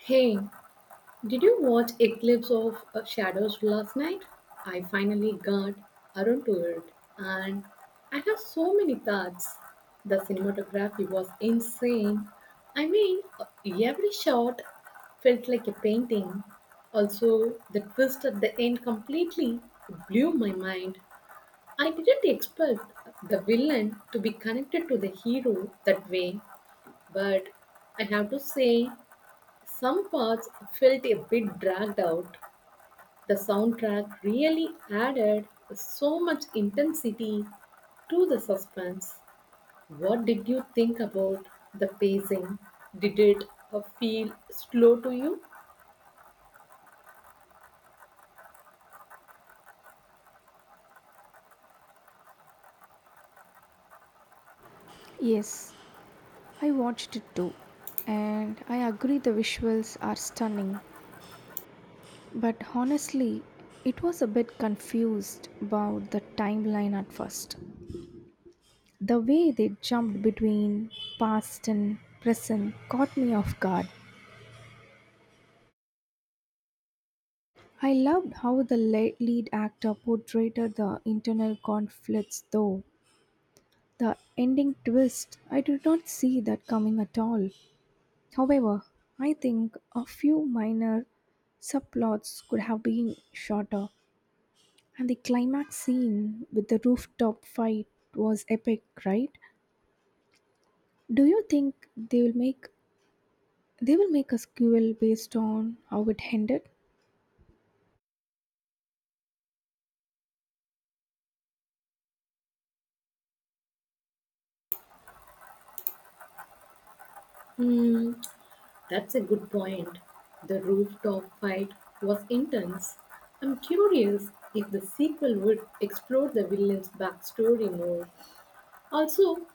Hey, did you watch Eclipse of Shadows last night? I finally got around to it, and I have so many thoughts. The cinematography was insane. I mean, every shot felt like a painting. Also, the twist at the end completely blew my mind. I didn't expect the villain to be connected to the hero that way, but I have to say some parts felt a bit dragged out. The soundtrack really added so much intensity to the suspense. What did you think about the pacing? Did it feel slow to you? Yes, I watched it too, and I agree the visuals are stunning, but honestly, it was a bit confused about the timeline at first. The way they jumped between past and present caught me off guard. I loved how the lead actor portrayed the internal conflicts, though. The ending twist, I did not see that coming at all. However, I think a few minor subplots could have been shorter, and the climax scene with the rooftop fight was epic, right? Do you think they will make a sequel based on how it ended? Hmm, that's a good point. The rooftop fight was intense. I'm curious if the sequel would explore the villain's backstory more. Also,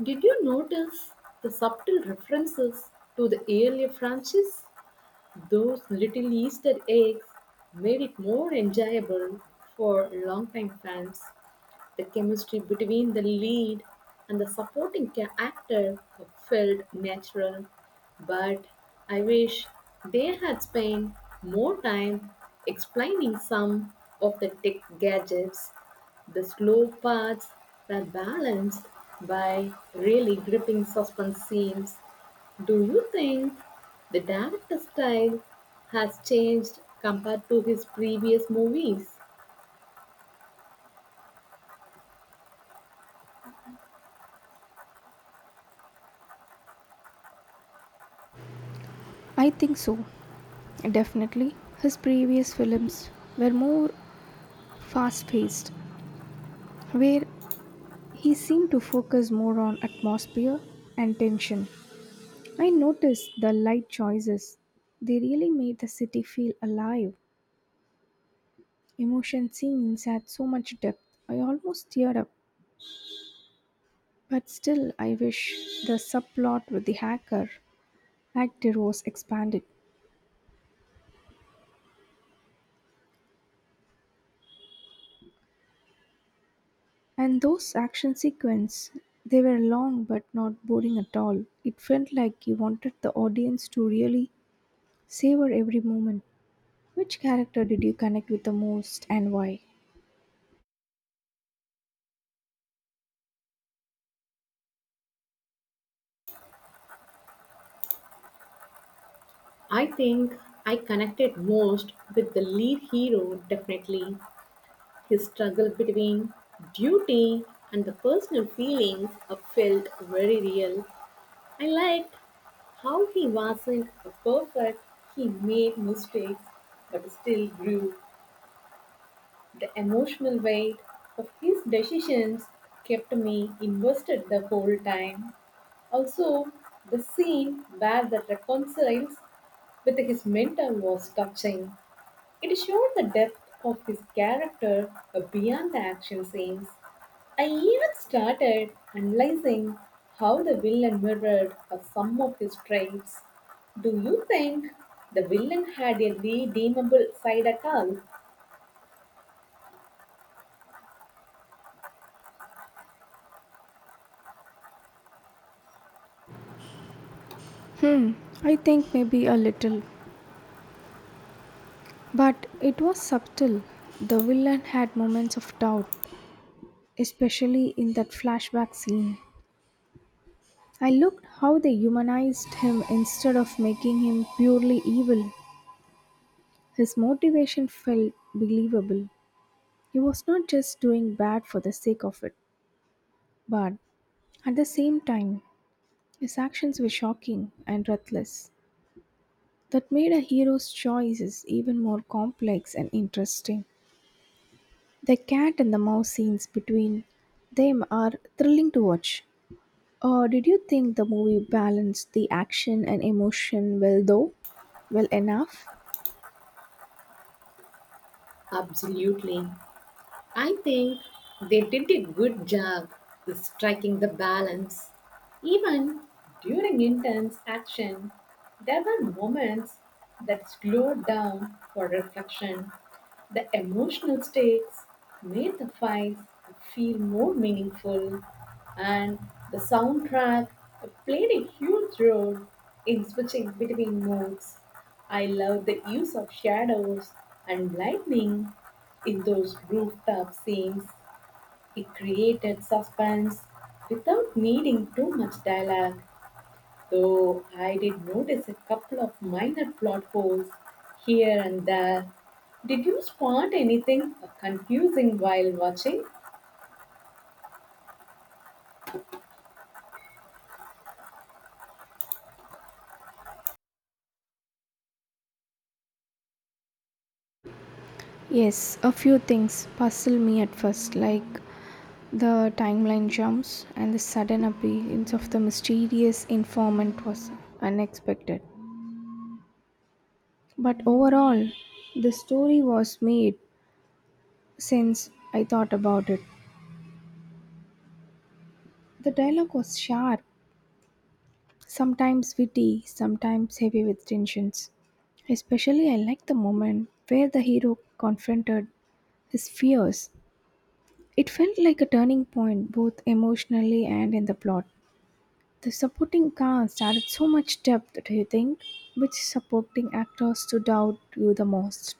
did you notice the subtle references to the earlier franchise? Those little Easter eggs made it more enjoyable for longtime fans. The chemistry between the lead and the supporting actor felt natural, but I wish they had spent more time explaining some of the tech gadgets. The slow parts were balanced by really gripping suspense scenes. Do you think the director's style has changed compared to his previous movies? I think so, definitely. His previous films were more fast paced, where he seemed to focus more on atmosphere and tension. I noticed the light choices. They really made the city feel alive. Emotion scenes had so much depth. I almost teared up. But still, I wish the subplot with the hacker actor was expanded. And those action sequences, they were long but not boring at all. It felt like you wanted the audience to really savor every moment. Which character did you connect with the most and why? I think I connected most with the lead hero, definitely. His struggle between duty and the personal feelings felt very real. I liked how he wasn't perfect, he made mistakes, but still grew. The emotional weight of his decisions kept me invested the whole time. Also, the scene where the reconciles with his mentor was touching. It showed the depth of his character beyond the action scenes. I even started analyzing how the villain mirrored some of his traits. Do you think the villain had a redeemable side at all? Hmm, I think maybe a little. But it was subtle. The villain had moments of doubt, especially in that flashback scene. I looked how they humanized him instead of making him purely evil. His motivation felt believable. He was not just doing bad for the sake of it, but at the same time, his actions were shocking and reckless. That made a hero's choices even more complex and interesting. The cat and the mouse scenes between them are thrilling to watch. Did you think the movie balanced the action and emotion well though? Well enough? Absolutely. I think they did a good job in striking the balance. Even during intense action, there were moments that slowed down for reflection. The emotional stakes made the fights feel more meaningful, and the soundtrack played a huge role in switching between moods. I love the use of shadows and lightning in those rooftop scenes. It created suspense without needing too much dialogue though I did notice a couple of minor plot holes here and there. Did you spot anything confusing while watching? Yes, a few things puzzle me at first, like the timeline jumps and the sudden appearance of the mysterious informant was unexpected. But overall, the story was made since I thought about it. The dialogue was sharp, sometimes witty, sometimes heavy with tensions. Especially, I liked the moment where the hero confronted is fierce. It felt like a turning point both emotionally and in the plot. The supporting cast added so much depth, do you think? Which supporting actor stood out to you the most?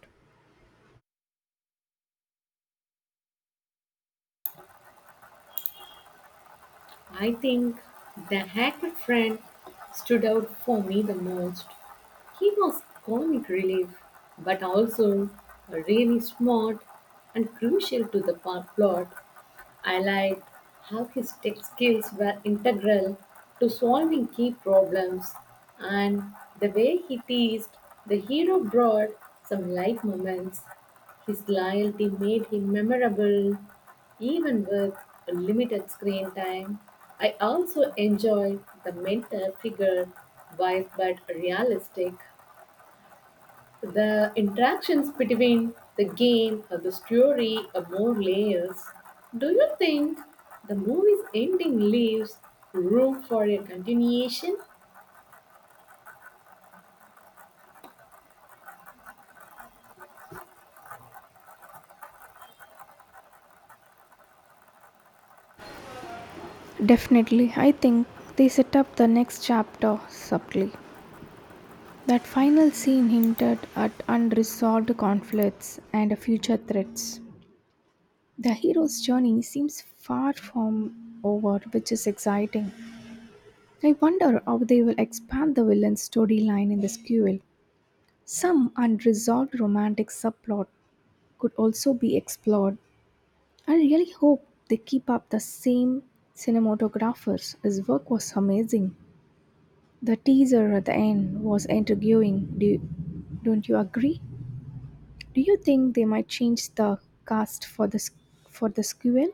I think the hacker friend stood out for me the most. He was comic relief, but also really smart and crucial to the plot. I liked how his tech skills were integral to solving key problems, and the way he teased the hero brought some light moments. His loyalty made him memorable, even with a limited screen time. I also enjoyed the mentor figure, wise but realistic. The interactions between the game and the story have more layers. Do you think the movie's ending leaves room for a continuation? Definitely, I think they set up the next chapter subtly. That final scene hinted at unresolved conflicts and future threats. The hero's journey seems far from over, which is exciting. I wonder how they will expand the villain's storyline in this sequel. Some unresolved romantic subplot could also be explored. I really hope they keep up the same cinematographers. His work was amazing. The teaser at the end was intriguing. Don't you agree? Do you think they might change the cast for this for the sequel?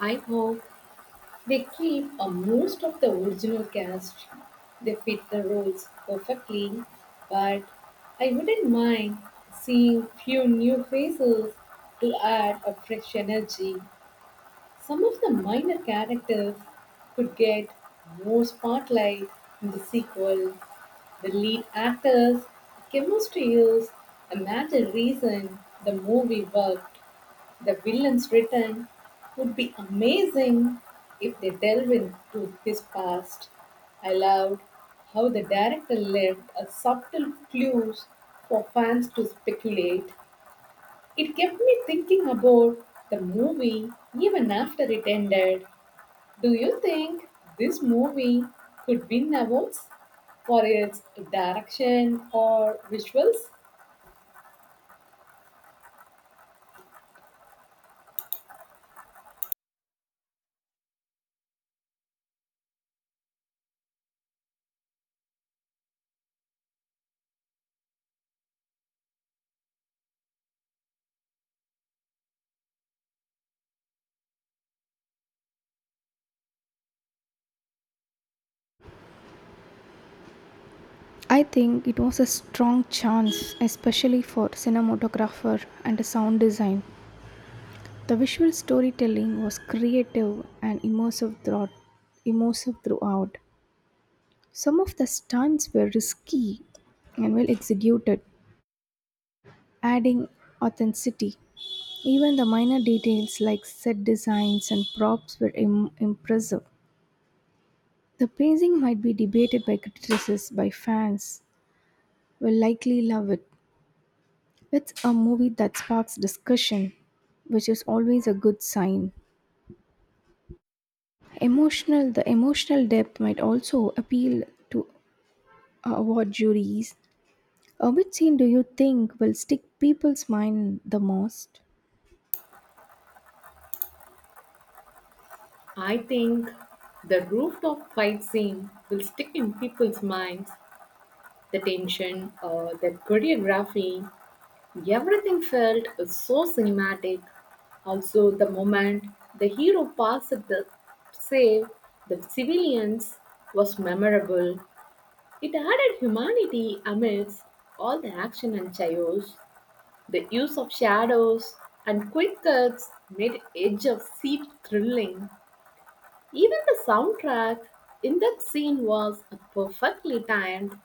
I hope they keep a most of the original cast. They fit the roles perfectly, but I wouldn't mind seeing few new faces to add a fresh energy. Some of the minor characters could get more spotlight in the sequel. The lead actors' chemistry is a major reason the movie worked. The villain's return would be amazing if they delve into his past. I loved how the director left a subtle clues for fans to speculate. It kept me thinking about the movie even after it ended. Do you think this movie could win awards for its direction or visuals? I think it was a strong chance, especially for cinematographer and sound design. The visual storytelling was creative and immersive throughout. Immersive throughout. Some of the stunts were risky and well executed, adding authenticity. Even the minor details like set designs and props were impressive. The pacing might be debated by critics, by fans will likely love it. It's a movie that sparks discussion, which is always a good sign. Emotional, the emotional depth might also appeal to award juries. Which scene do you think will stick people's mind the most? I think the rooftop fight scene will stick in people's minds. The tension, the choreography, everything felt so cinematic. Also, the moment the hero passed the save the civilians was memorable. It added humanity amidst all the action and chaos. The use of shadows and quick cuts made Edge of Seep thrilling. Even the soundtrack in that scene was perfectly timed.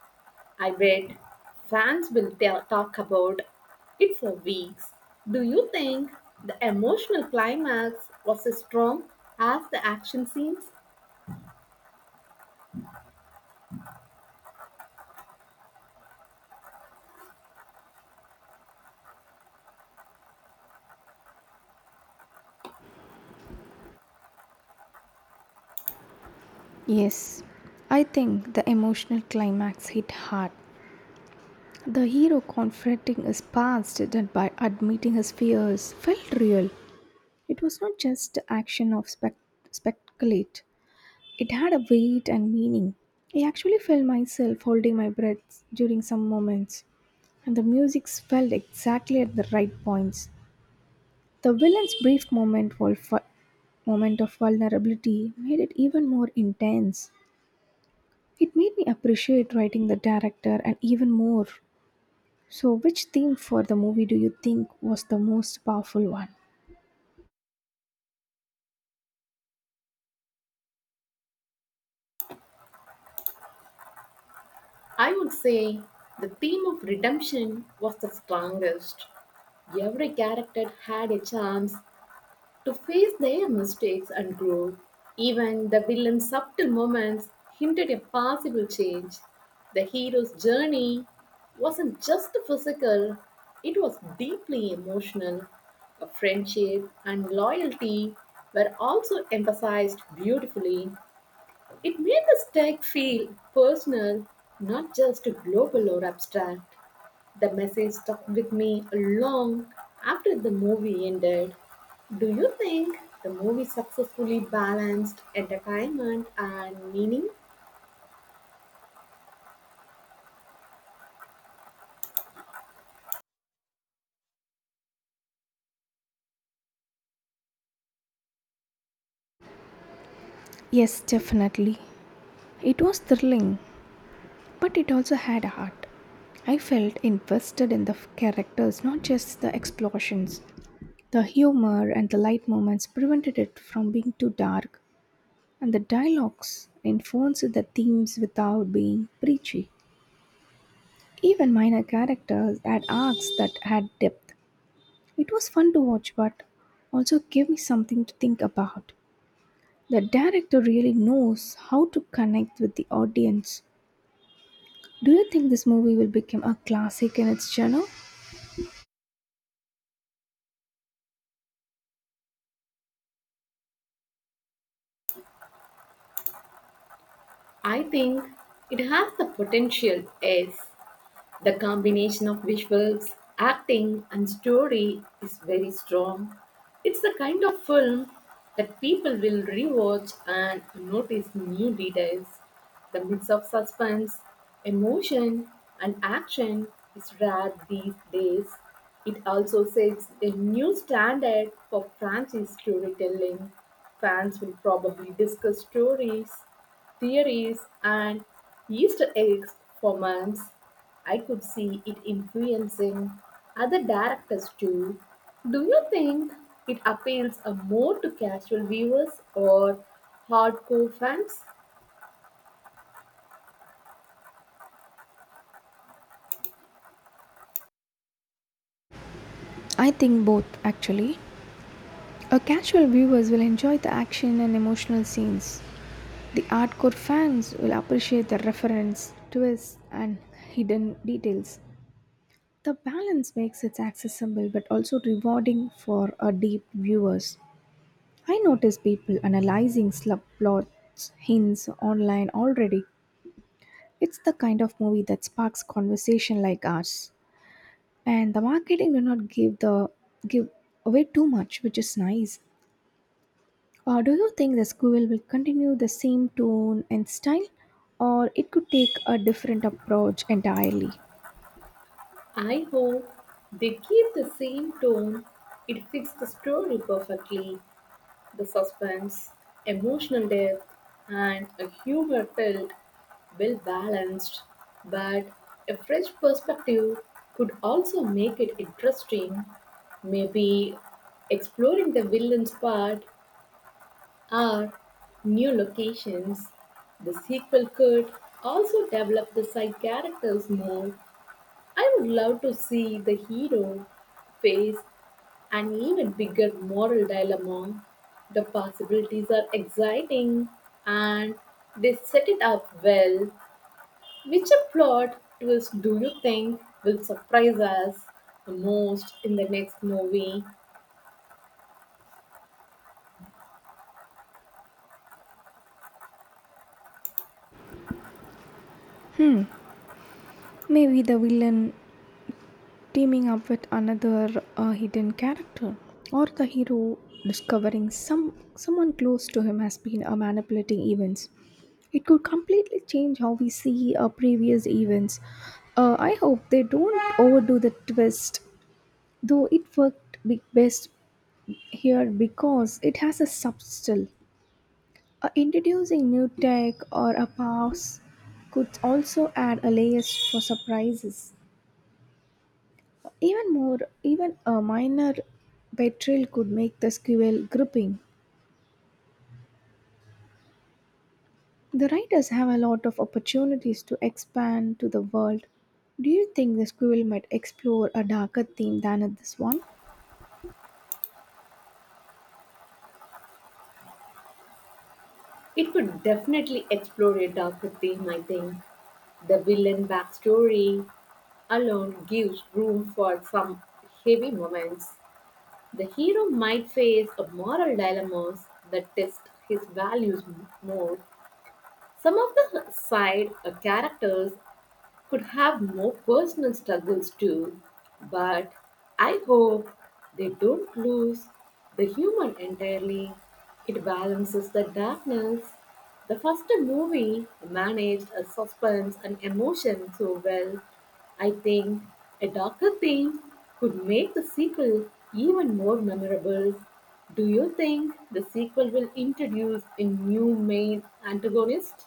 I bet fans will talk about it for weeks. Do you think the emotional climax was as strong as the action scenes? Yes, I think the emotional climax hit hard. The hero confronting his past and by admitting his fears felt real. It was not just the action of speculate. It had a weight and meaning. I actually felt myself holding my breath during some moments, and the music swelled exactly at the right points. The villain's brief moment of vulnerability made it even more intense. It made me appreciate writing the director and even more. So, which theme for the movie do you think was the most powerful one? I would say the theme of redemption was the strongest. Every character had a chance to face their mistakes and grow. Even the villain's subtle moments hinted a possible change. The hero's journey wasn't just physical, it was deeply emotional. A friendship and loyalty were also emphasized beautifully. It made the stake feel personal, not just global or abstract. The message stuck with me long after the movie ended. Do you think the movie successfully balanced entertainment and meaning? Yes, definitely. It was thrilling, but it also had a heart. I felt invested in the characters, not just the explosions. The humor and the light moments prevented it from being too dark. And the dialogues enforce the themes without being preachy. Even minor characters had arcs that had depth. It was fun to watch, but also gave me something to think about. The director really knows how to connect with the audience. Do you think this movie will become a classic in its genre? I think it has the potential, yes. The combination of visuals, acting, and story is very strong. It's the kind of film that people will rewatch and notice new details. The mix of suspense, emotion, and action is rare these days. It also sets a new standard for France's storytelling. Fans will probably discuss stories theories and Easter eggs for months. I could see it influencing other directors too. Do you think it appeals more to casual viewers or hardcore fans? I think both, actually. A casual viewers will enjoy the action and emotional scenes. The hardcore fans will appreciate the reference, twists, and hidden details. The balance makes it accessible but also rewarding for a deep viewers. I notice people analyzing subplots, hints online already. It's the kind of movie that sparks conversation like ours. And the marketing do not give away too much, which is nice. Do you think the school will continue the same tone and style, or it could take a different approach entirely? I hope they keep the same tone. It fits the story perfectly. The suspense, emotional depth, and a humor felt well balanced, but a fresh perspective could also make it interesting. Maybe exploring the villain's part or new locations. The sequel could also develop the side characters more. I would love to see the hero face an even bigger moral dilemma. The possibilities are exciting and they set it up well. Which plot twist do you think will surprise us the most in the next movie? Hmm. Maybe the villain teaming up with another hidden character or the hero discovering someone close to him has been manipulating events. It could completely change how we see previous events. I hope they don't overdo the twist, though it worked best here because it has a substance. Introducing new tech or a powers could also add a layers for surprises. Even more, even a minor betrayal could make the sequel gripping. The writers have a lot of opportunities to expand to the world. Do you think the sequel might explore a darker theme than in this one? It would definitely explore a darker theme, I think. The villain backstory alone gives room for some heavy moments. The hero might face a moral dilemmas that test his values more, Some of the side characters could have more personal struggles too, but I hope they don't lose the human entirely. It balances the darkness. The first movie managed a suspense and emotion so well. I think a darker theme could make the sequel even more memorable. Do you think the sequel will introduce a new main antagonist?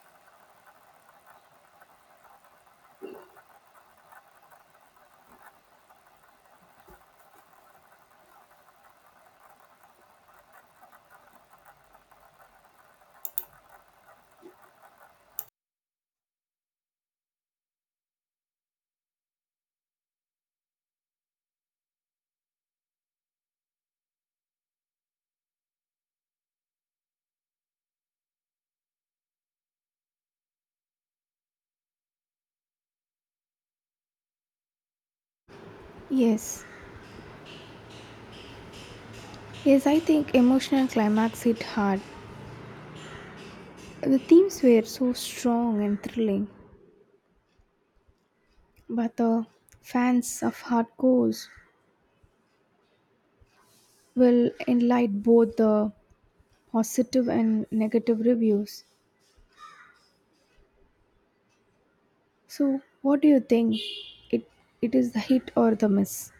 Yes. Yes, I think emotional climax hit hard. The themes were so strong and thrilling, but the fans of hardcores will enlight both the positive and negative reviews. So, what do you think? It it is the hit or the miss?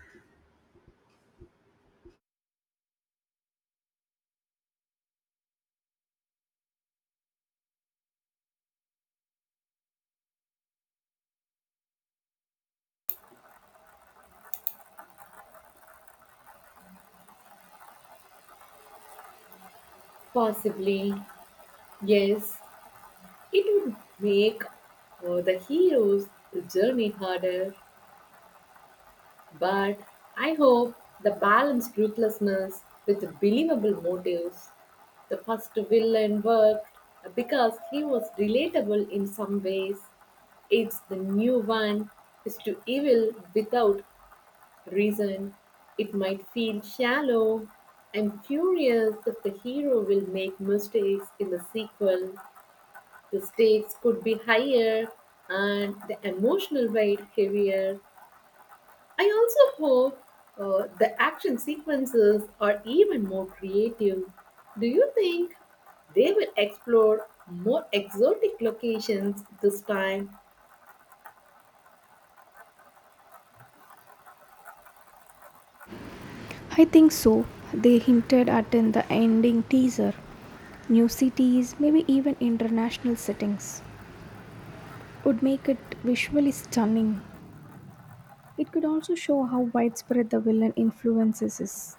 Possibly, yes, it would make the hero's journey harder, but I hope the balanced ruthlessness with believable motives. The first villain worked because he was relatable in some ways. It's the new one is to evil without reason. It might feel shallow. I'm curious if the hero will make mistakes in the sequel. The stakes could be higher and the emotional weight heavier. I also hope the action sequences are even more creative. Do you think they will explore more exotic locations this time? I think so. They hinted at in the ending teaser. New cities, maybe even international settings, would make it visually stunning. It could also show how widespread the villain influences is.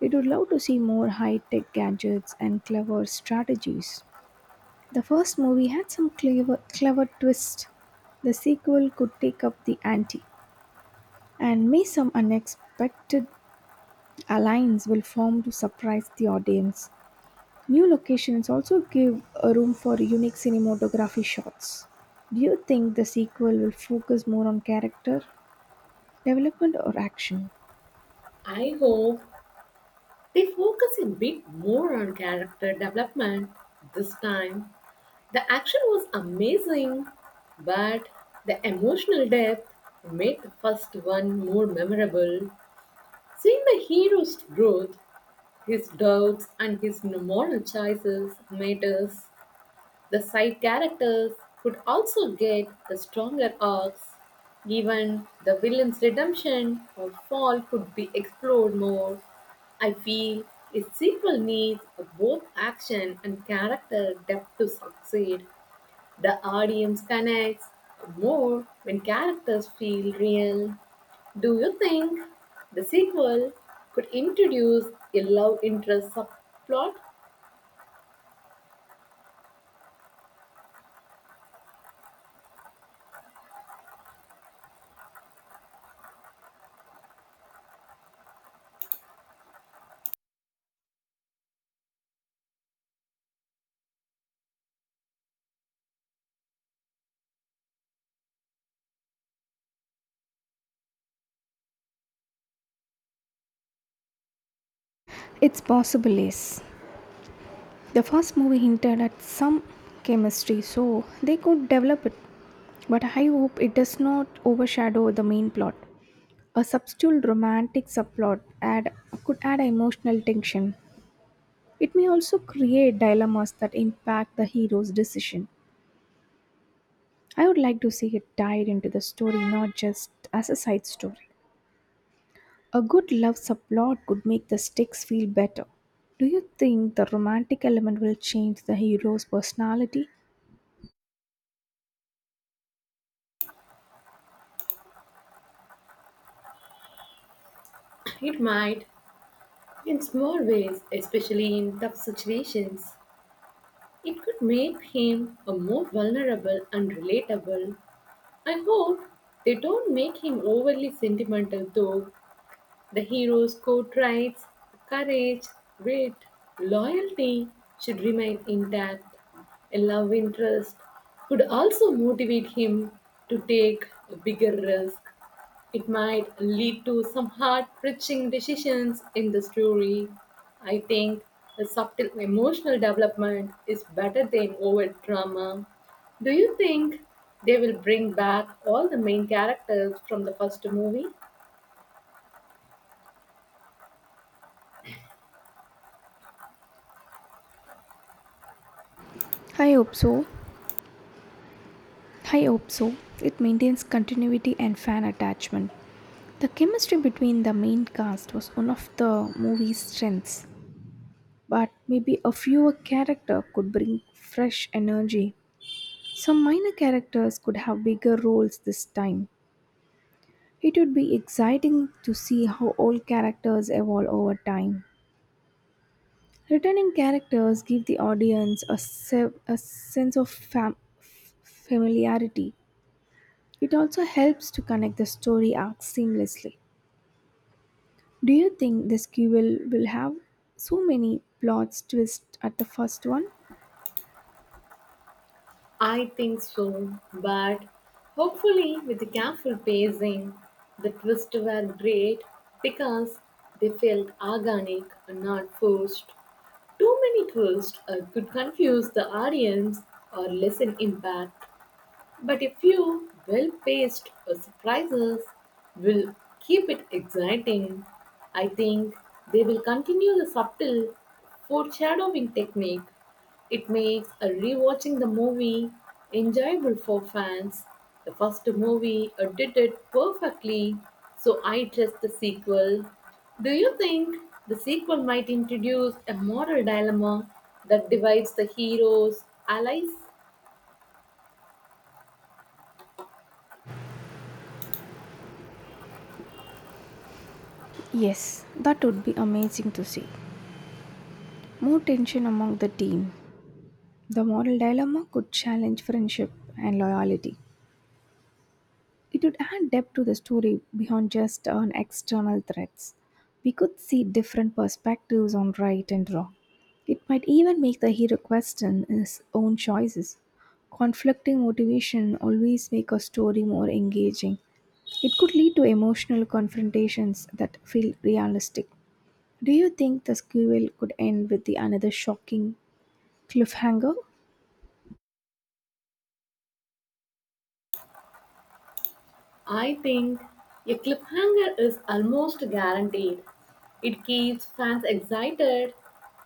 We would love to see more high-tech gadgets and clever strategies. The first movie had some clever twist. The sequel could take up the ante and may some unexpected Alliance will form to surprise the audience. New locations also give a room for unique cinematography shots. Do you think the sequel will focus more on character development or action? I hope they focus a bit more on character development this time. The action was amazing, but the emotional depth made the first one more memorable. Seeing the hero's growth, his doubts, and his moral choices matters. The side characters could also get the stronger arcs. Even the villain's redemption or fall could be explored more. I feel a sequel needs both action and character depth to succeed. The audience connects more when characters feel real. Do you think the sequel could introduce a love interest subplot? It's possible, yes. The first movie hinted at some chemistry, so they could develop it. But I hope it does not overshadow the main plot. A subtle romantic could add emotional tension. It may also create dilemmas that impact the hero's decision. I would like to see it tied into the story, not just as a side story. A good love subplot could make the stakes feel better. Do you think the romantic element will change the hero's personality? It might, in small ways, especially in tough situations. It could make him a more vulnerable and relatable. I hope they don't make him overly sentimental though. The hero's code, rights, courage, grit, loyalty, should remain intact. A love interest could also motivate him to take a bigger risk. It might lead to some heart-wrenching decisions in the story. I think a subtle emotional development is better than overt drama. Do you think they will bring back all the main characters from the first movie? I hope so. I hope so. It maintains continuity and fan attachment. The chemistry between the main cast was one of the movie's strengths, but maybe a fewer character could bring fresh energy. Some minor characters could have bigger roles this time. It would be exciting to see how old characters evolve over time. Returning characters give the audience a sense of familiarity. It also helps to connect the story arcs seamlessly. Do you think this sequel will have so many plots twists at the first one? I think so, but hopefully, with the careful pacing, the twists were great because they felt organic and not forced. Too many twists could confuse the audience or lessen impact. But a few well paced surprises will keep it exciting. I think they will continue the subtle foreshadowing technique. It makes a rewatching the movie enjoyable for fans. The first movie did it perfectly, so I trust the sequel. Do you think the sequel might introduce a moral dilemma that divides the heroes' allies? Yes, that would be amazing to see. More tension among the team. The moral dilemma could challenge friendship and loyalty. It would add depth to the story beyond just on external threats. We could see different perspectives on right and wrong. It might even make the hero question his own choices. Conflicting motivation always make a story more engaging. It could lead to emotional confrontations that feel realistic. Do you think the sequel could end with the another shocking cliffhanger? I think a cliffhanger is almost guaranteed. It keeps fans excited.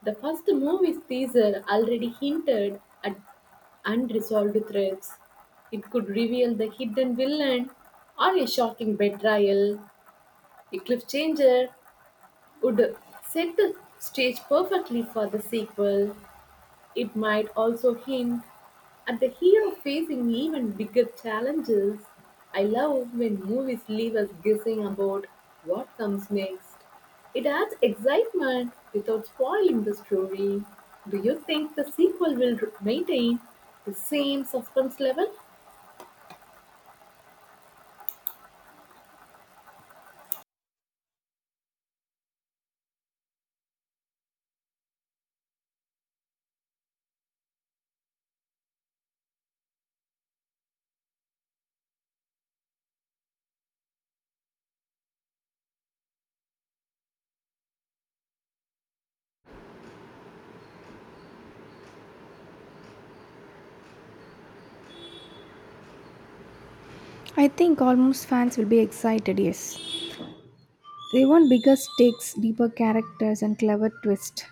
The first movie's teaser already hinted at unresolved threats. It could reveal the hidden villain or a shocking betrayal. A cliffhanger would set the stage perfectly for the sequel. It might also hint at the hero facing even bigger challenges. I love when movies leave us guessing about what comes next. It adds excitement without spoiling the story. Do you think the sequel will maintain the same suspense level? I think almost fans will be excited, yes. They want bigger stakes, deeper characters, and clever twist.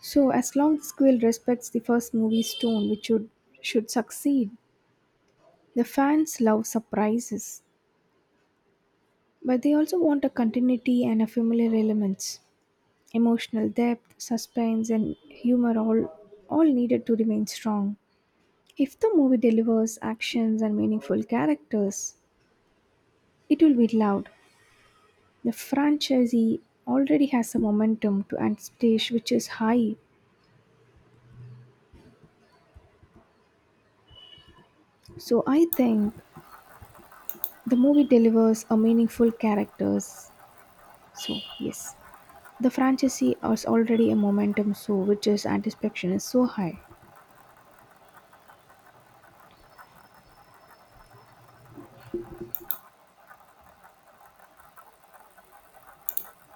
So as long as the sequel respects the first movie's tone, which should succeed, the fans love surprises. But they also want a continuity and a familiar elements. Emotional depth, suspense, and humor all needed to remain strong. If the movie delivers actions and meaningful characters, it will be loved. The franchisee already has a momentum to unleash which is high. So I think the movie delivers a meaningful characters. So yes, the franchisee has already a momentum so which is anticipation is so high.